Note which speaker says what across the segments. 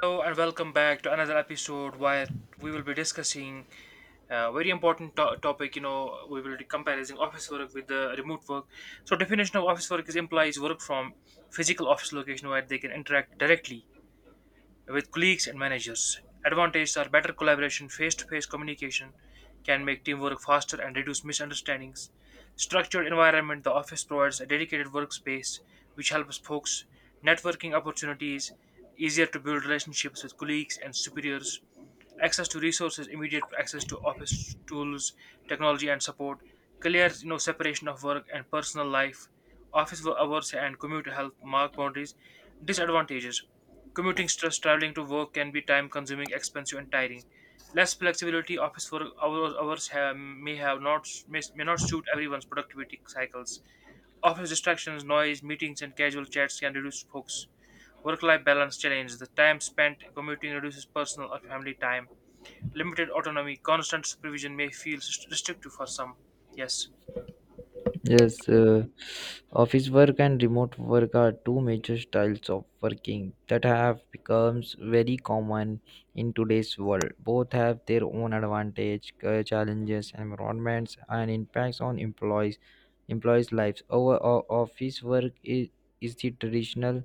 Speaker 1: Hello and welcome back to another episode where we will be discussing a very important topic. We will be comparing office work with the remote work. So, definition of office work is implies work from physical office location where they can interact directly with colleagues and managers. Advantages are better collaboration, face to face communication can make teamwork faster and reduce misunderstandings. Structured environment the office provides a dedicated workspace which helps folks. Networking opportunities easier to build relationships with colleagues and superiors. Access to resources, immediate access to office tools, technology, and support. Clear separation of work and personal life. Hours and commute help mark boundaries. Disadvantages. Commuting stress, traveling to work can be time consuming, expensive, and tiring. Less flexibility, office work hours, hours have, may have not may, may not suit everyone's productivity cycles. Office distractions, noise, meetings, and casual chats can reduce focus. Work-life balance challenge: the time spent commuting reduces personal or family time. Limited autonomy, constant supervision may feel restrictive for some. Yes.
Speaker 2: Yes, office work and remote work are two major styles of working that have become very common in today's world. Both have their own advantage, challenges, environments, and impacts on employees' lives. Office work is the traditional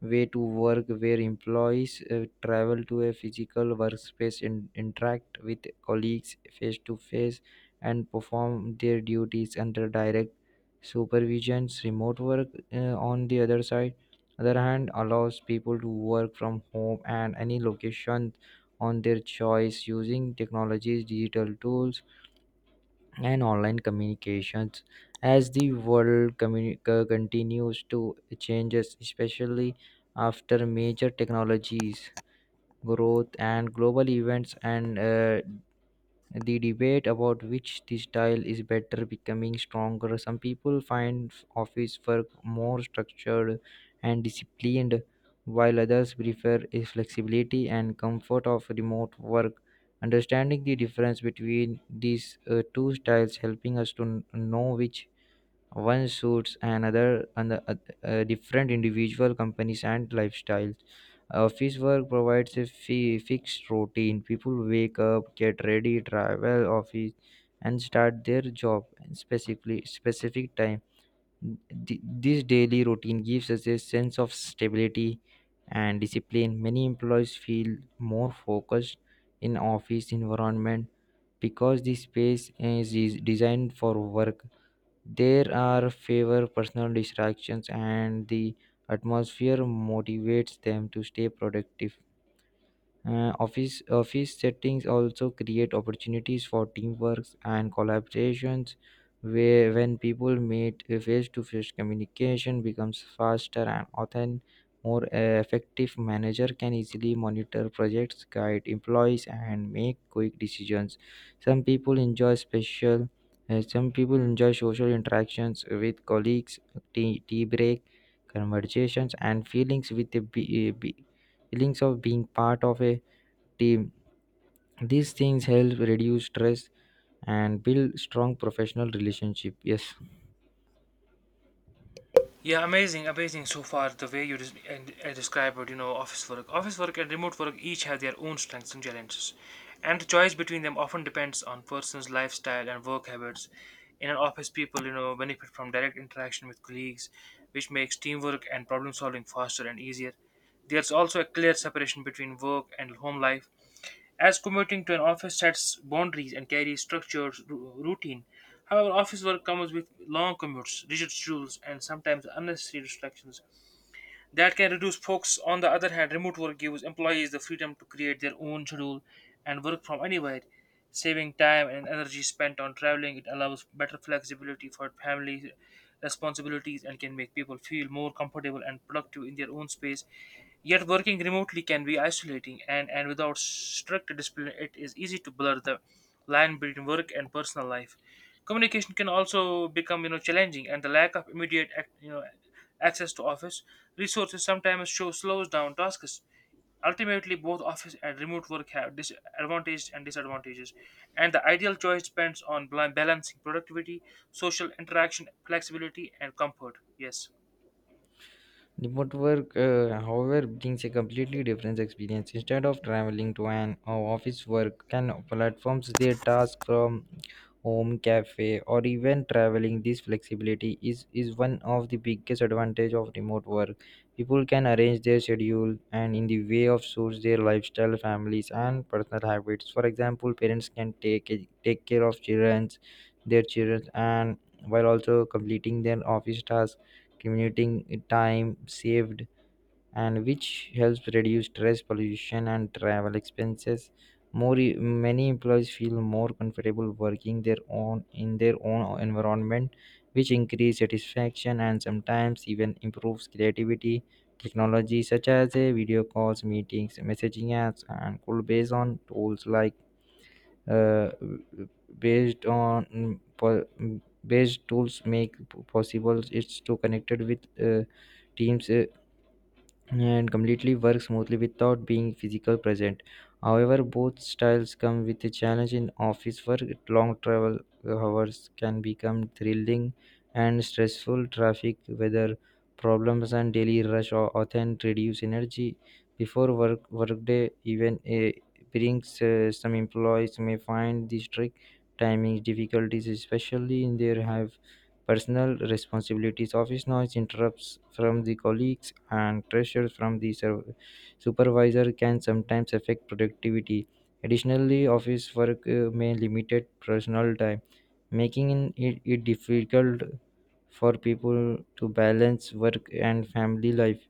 Speaker 2: way to work where employees travel to a physical workspace and interact with colleagues face to face and perform their duties under direct Supervisions. Remote work, on the other side, other hand, allows people to work from home and any location on their choice using technologies, digital tools, and online communications. As the world continues to changes, especially after major technologies growth and global events, and the debate about which the style is better becoming stronger. Some people find office work more structured and disciplined, while others prefer a flexibility and comfort of remote work. Understanding the difference between these two styles helping us to know which one suits another and the, different individual companies and lifestyles. Office work provides a fixed routine. People wake up, get ready, travel office and start their job in specifically specific time. This daily routine gives us a sense of stability and discipline. Many employees feel more focused in office environment because the space is designed for work. There are fewer personal distractions, and the atmosphere motivates them to stay productive. Office settings also create opportunities for teamwork and collaborations where when people meet face to face communication becomes faster and often more effective. Manager can easily monitor projects, guide employees, and make quick decisions. some people enjoy special some people enjoy social interactions with colleagues, tea break conversations and feelings with the be, feelings of being part of a team. These things help reduce stress and build strong professional relationship. Yes.
Speaker 1: Yeah, amazing, amazing so far the way you described, office work. Office work and remote work each have their own strengths and challenges, and the choice between them often depends on person's lifestyle and work habits. In an office, people, benefit from direct interaction with colleagues, which makes teamwork and problem solving faster and easier. There's also a clear separation between work and home life, as commuting to an office sets boundaries and carries structured routine. However, office work comes with long commutes, rigid schedules, and sometimes unnecessary distractions that can reduce folks. On the other hand, remote work gives employees the freedom to create their own schedule and work from anywhere. Saving time and energy spent on traveling, it allows better flexibility for family responsibilities and can make people feel more comfortable and productive in their own space. Yet, working remotely can be isolating, and, without strict discipline, it is easy to blur the line between work and personal life. Communication can also become, challenging, and the lack of immediate, access to office resources sometimes show slows down tasks. Ultimately, both office and remote work have disadvantages and disadvantages, and the ideal choice depends on balancing productivity, social interaction, flexibility, and comfort. Yes.
Speaker 2: Remote work, however, brings a completely different experience. Instead of traveling to an office, work can platforms their task from home, cafe, or even traveling. This flexibility is one of the biggest advantage of remote work. People can arrange their schedule and in the way of suits their lifestyle, families, and personal habits. For example, parents can take care of children, their children, and while also completing their office tasks. Commuting time saved and which helps reduce stress, pollution, and travel expenses. Many employees feel more comfortable working their own environment, which increase satisfaction and sometimes even improves creativity. Technology such as a video calls, meetings, messaging apps, and could based on tools like uh, based on mm, po- mm, based tools make possible it's to connected with teams and completely work smoothly without being physical present. However, both styles come with a challenge. In office work, long travel hours can become thrilling and stressful. Traffic, weather problems, and daily often reduce energy before workday. Even a brings some employees may find this trick timing difficulties, especially in their have personal responsibilities. Office noise, interrupts from the colleagues, and pressure from the supervisor can sometimes affect productivity. Additionally, office work may limit personal time, making it difficult for people to balance work and family life.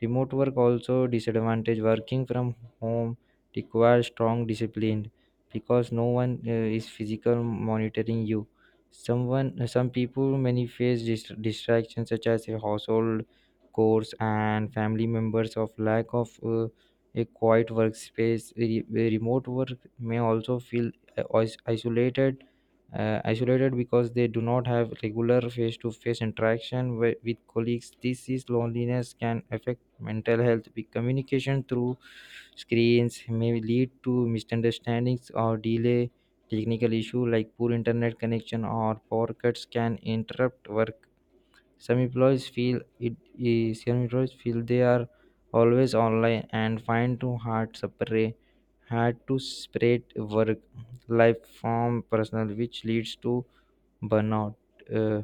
Speaker 2: Remote work also disadvantage. Working from home requires strong discipline because no one is physical monitoring you. Some people many face distractions such as a household chores and family members of lack of a quiet workspace. Remote work may also feel uh, is- isolated isolated because they do not have regular face to face interaction with colleagues. This is loneliness can affect mental health. Big communication through screens may lead to misunderstandings or delay. Technical issue like poor internet connection or power cuts can interrupt work. some employees feel it some employees feel they are always online and find to hard separate hard to separate work life from personal, which leads to burnout. Uh,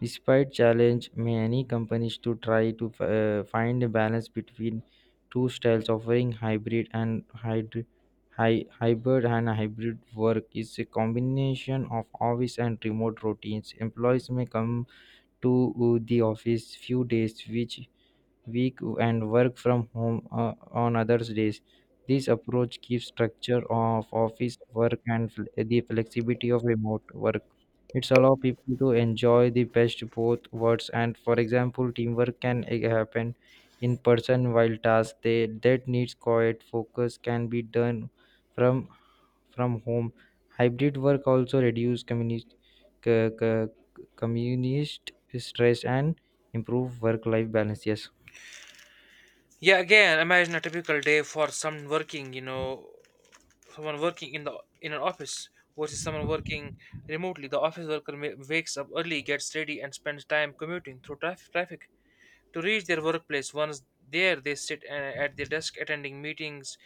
Speaker 2: Despite challenge, many companies to try to find a balance between two styles offering hybrid and hybrid work is a combination of office and remote routines. Employees may come to the office few days which week and work from home on other days. This approach keeps structure of office work and the flexibility of remote work. It's allow people to enjoy the best both worlds. And for example, teamwork can happen in person while that needs quiet focus can be done from from home. Hybrid work also reduce communist c- c- communist stress and improve work life balance. Yes.
Speaker 1: Yeah, again, imagine a typical day for someone working, someone working in the in an office versus someone working remotely. The office worker wakes up early, gets ready, and spends time commuting through traffic to reach their workplace. Once there, they sit at their desk attending meetings,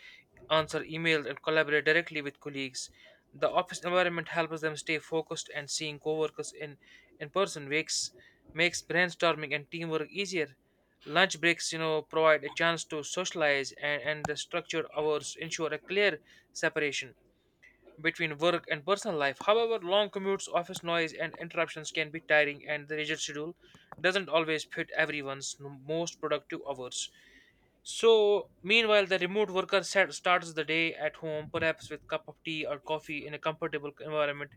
Speaker 1: answer emails, and collaborate directly with colleagues. The office environment helps them stay focused, and seeing coworkers in person makes brainstorming and teamwork easier. Lunch breaks, provide a chance to socialize, and, the structured hours ensure a clear separation between work and personal life. However, long commutes, office noise, and interruptions can be tiring, and the rigid schedule doesn't always fit everyone's most productive hours. So, meanwhile, the remote worker starts the day at home, perhaps with cup of tea or coffee in a comfortable environment.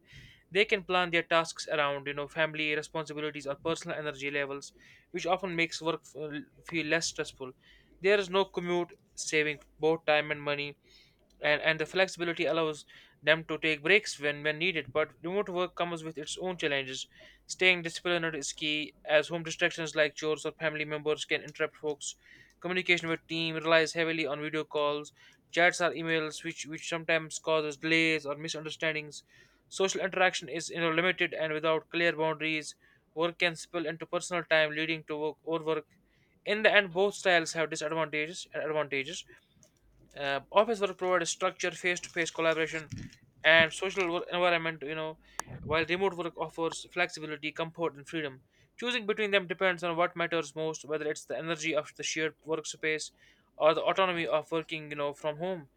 Speaker 1: They can plan their tasks around, family responsibilities or personal energy levels, which often makes work feel less stressful. There is no commute, saving both time and money, and, the flexibility allows them to take breaks when needed. But remote work comes with its own challenges. Staying disciplined is key, as home distractions like chores or family members can interrupt folks. Communication with team relies heavily on video calls, chats or emails, which sometimes causes delays or misunderstandings. Social interaction is, limited and without clear boundaries. Work can spill into personal time, leading to work overwork. In the end, both styles have disadvantages and advantages. Office work provides structure, face-to-face collaboration, and social work environment. While remote work offers flexibility, comfort, and freedom. Choosing between them depends on what matters most, whether it's the energy of the shared workspace or the autonomy of working, from home.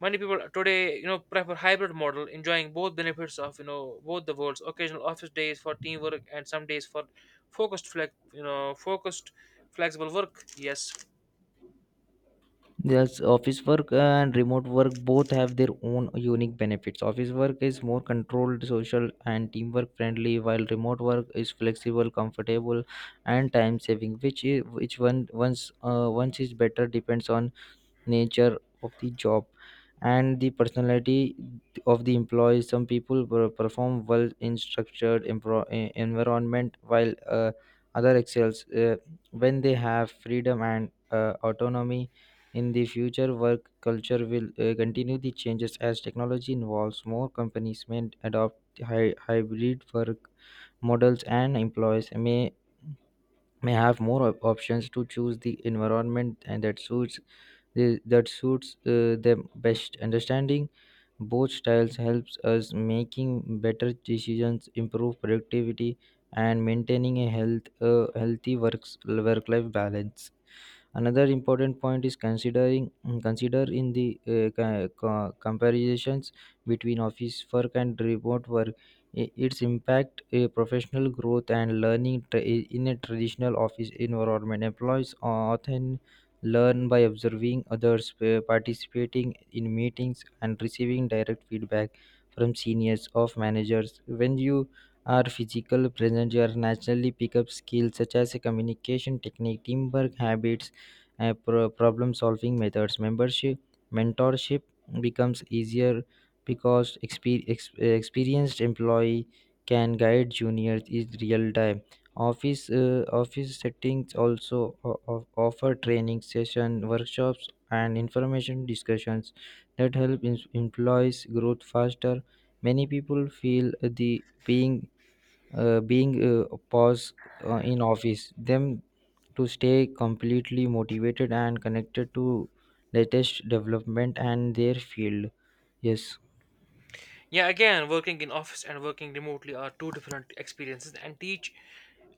Speaker 1: Many people today, prefer hybrid model, enjoying both benefits of, both the worlds. Occasional office days for teamwork and some days for focused, flexible work. Yes.
Speaker 2: Yes, office work and remote work both have their own unique benefits. Office work is more controlled, social, and teamwork friendly, while remote work is flexible, comfortable, and time saving. Which one once is better depends on nature of the job and the personality of the employees. Some people perform well in structured environment while other excels when they have freedom and autonomy. In the future, work culture will continue the changes as technology involves. More companies may adopt hybrid work models and employees may have more options to choose the environment and that suits that suits them best. Understanding both styles helps us making better decisions, improve productivity, and maintaining a healthy work life balance. Another important point is consider in the comparisons between office work and remote work I- its impact professional growth and learning. In a traditional office environment, employees often learn by observing others, participating in meetings, and receiving direct feedback from seniors of managers. When you are physical present, you are naturally pick up skills such as communication technique, teamwork habits, problem solving methods, membership mentorship becomes easier because experienced employee can guide juniors in real time. Office settings also offer training session, workshops, and information discussions that help employees grow faster. Many people feel the being being pause in office them to stay completely motivated and connected to latest development and their field. Yes.
Speaker 1: Yeah, again, working in office and working remotely are two different experiences, and each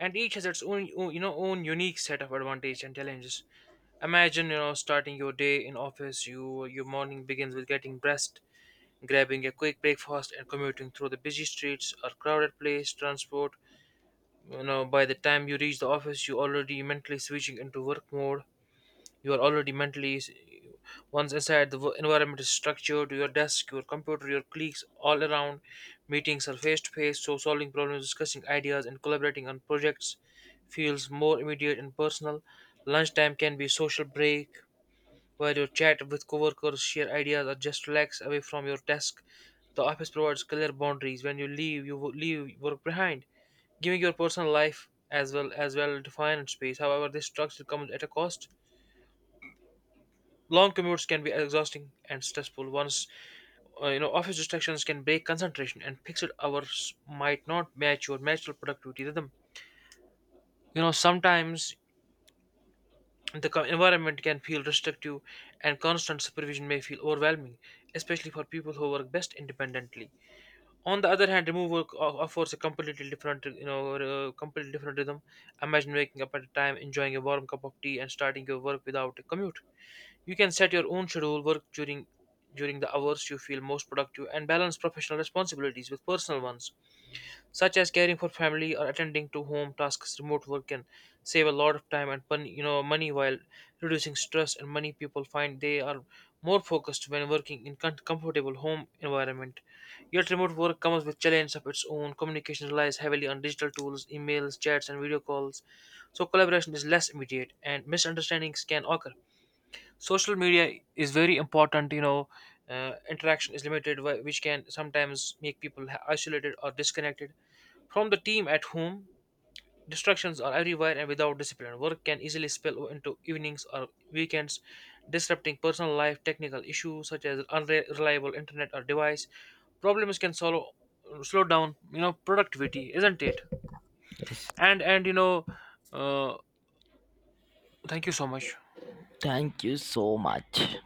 Speaker 1: and each has its own unique set of advantages and challenges. Imagine, starting your day in office. Your morning begins with getting dressed, grabbing a quick breakfast, and commuting through the busy streets or crowded place transport. You know, by the time you reach the office, you're already mentally switching into work mode. You are already mentally Once inside, the environment is structured. Your desk, your computer, your colleagues all around, meetings are face to face, so solving problems, discussing ideas, and collaborating on projects feels more immediate and personal. Lunchtime can be social break where you chat with coworkers, share ideas, or just relax away from your desk. The office provides clear boundaries. When you leave, you leave work behind, giving your personal life as well defined space. However, this structure comes at a cost. Long commutes can be exhausting and stressful. Once you know Office distractions can break concentration, and fixed hours might not match your natural productivity rhythm. Sometimes the environment can feel restrictive, and constant supervision may feel overwhelming, especially for people who work best independently. On the other hand, remote work offers a completely different rhythm. Imagine waking up at a time, enjoying a warm cup of tea, and starting your work without a commute. You can set your own schedule, work during the hours you feel most productive, and balance professional responsibilities with personal ones, such as caring for family or attending to home tasks. Remote work can save a lot of time and money while reducing stress. And many people find they are more focused when working in comfortable home environment. Yet remote work comes with challenges of its own. Communication relies heavily on digital tools, emails, chats, and video calls, so collaboration is less immediate, and misunderstandings can occur. Social media is very important. Interaction is limited, which can sometimes make people isolated or disconnected from the team. At home, distractions are everywhere, and without discipline, work can easily spill into evenings or weekends, disrupting personal life. Technical issues such as unreliable internet or device problems can slow down, productivity, isn't it?
Speaker 2: Yes,
Speaker 1: And you know uh, thank you so much.
Speaker 2: thank you so much.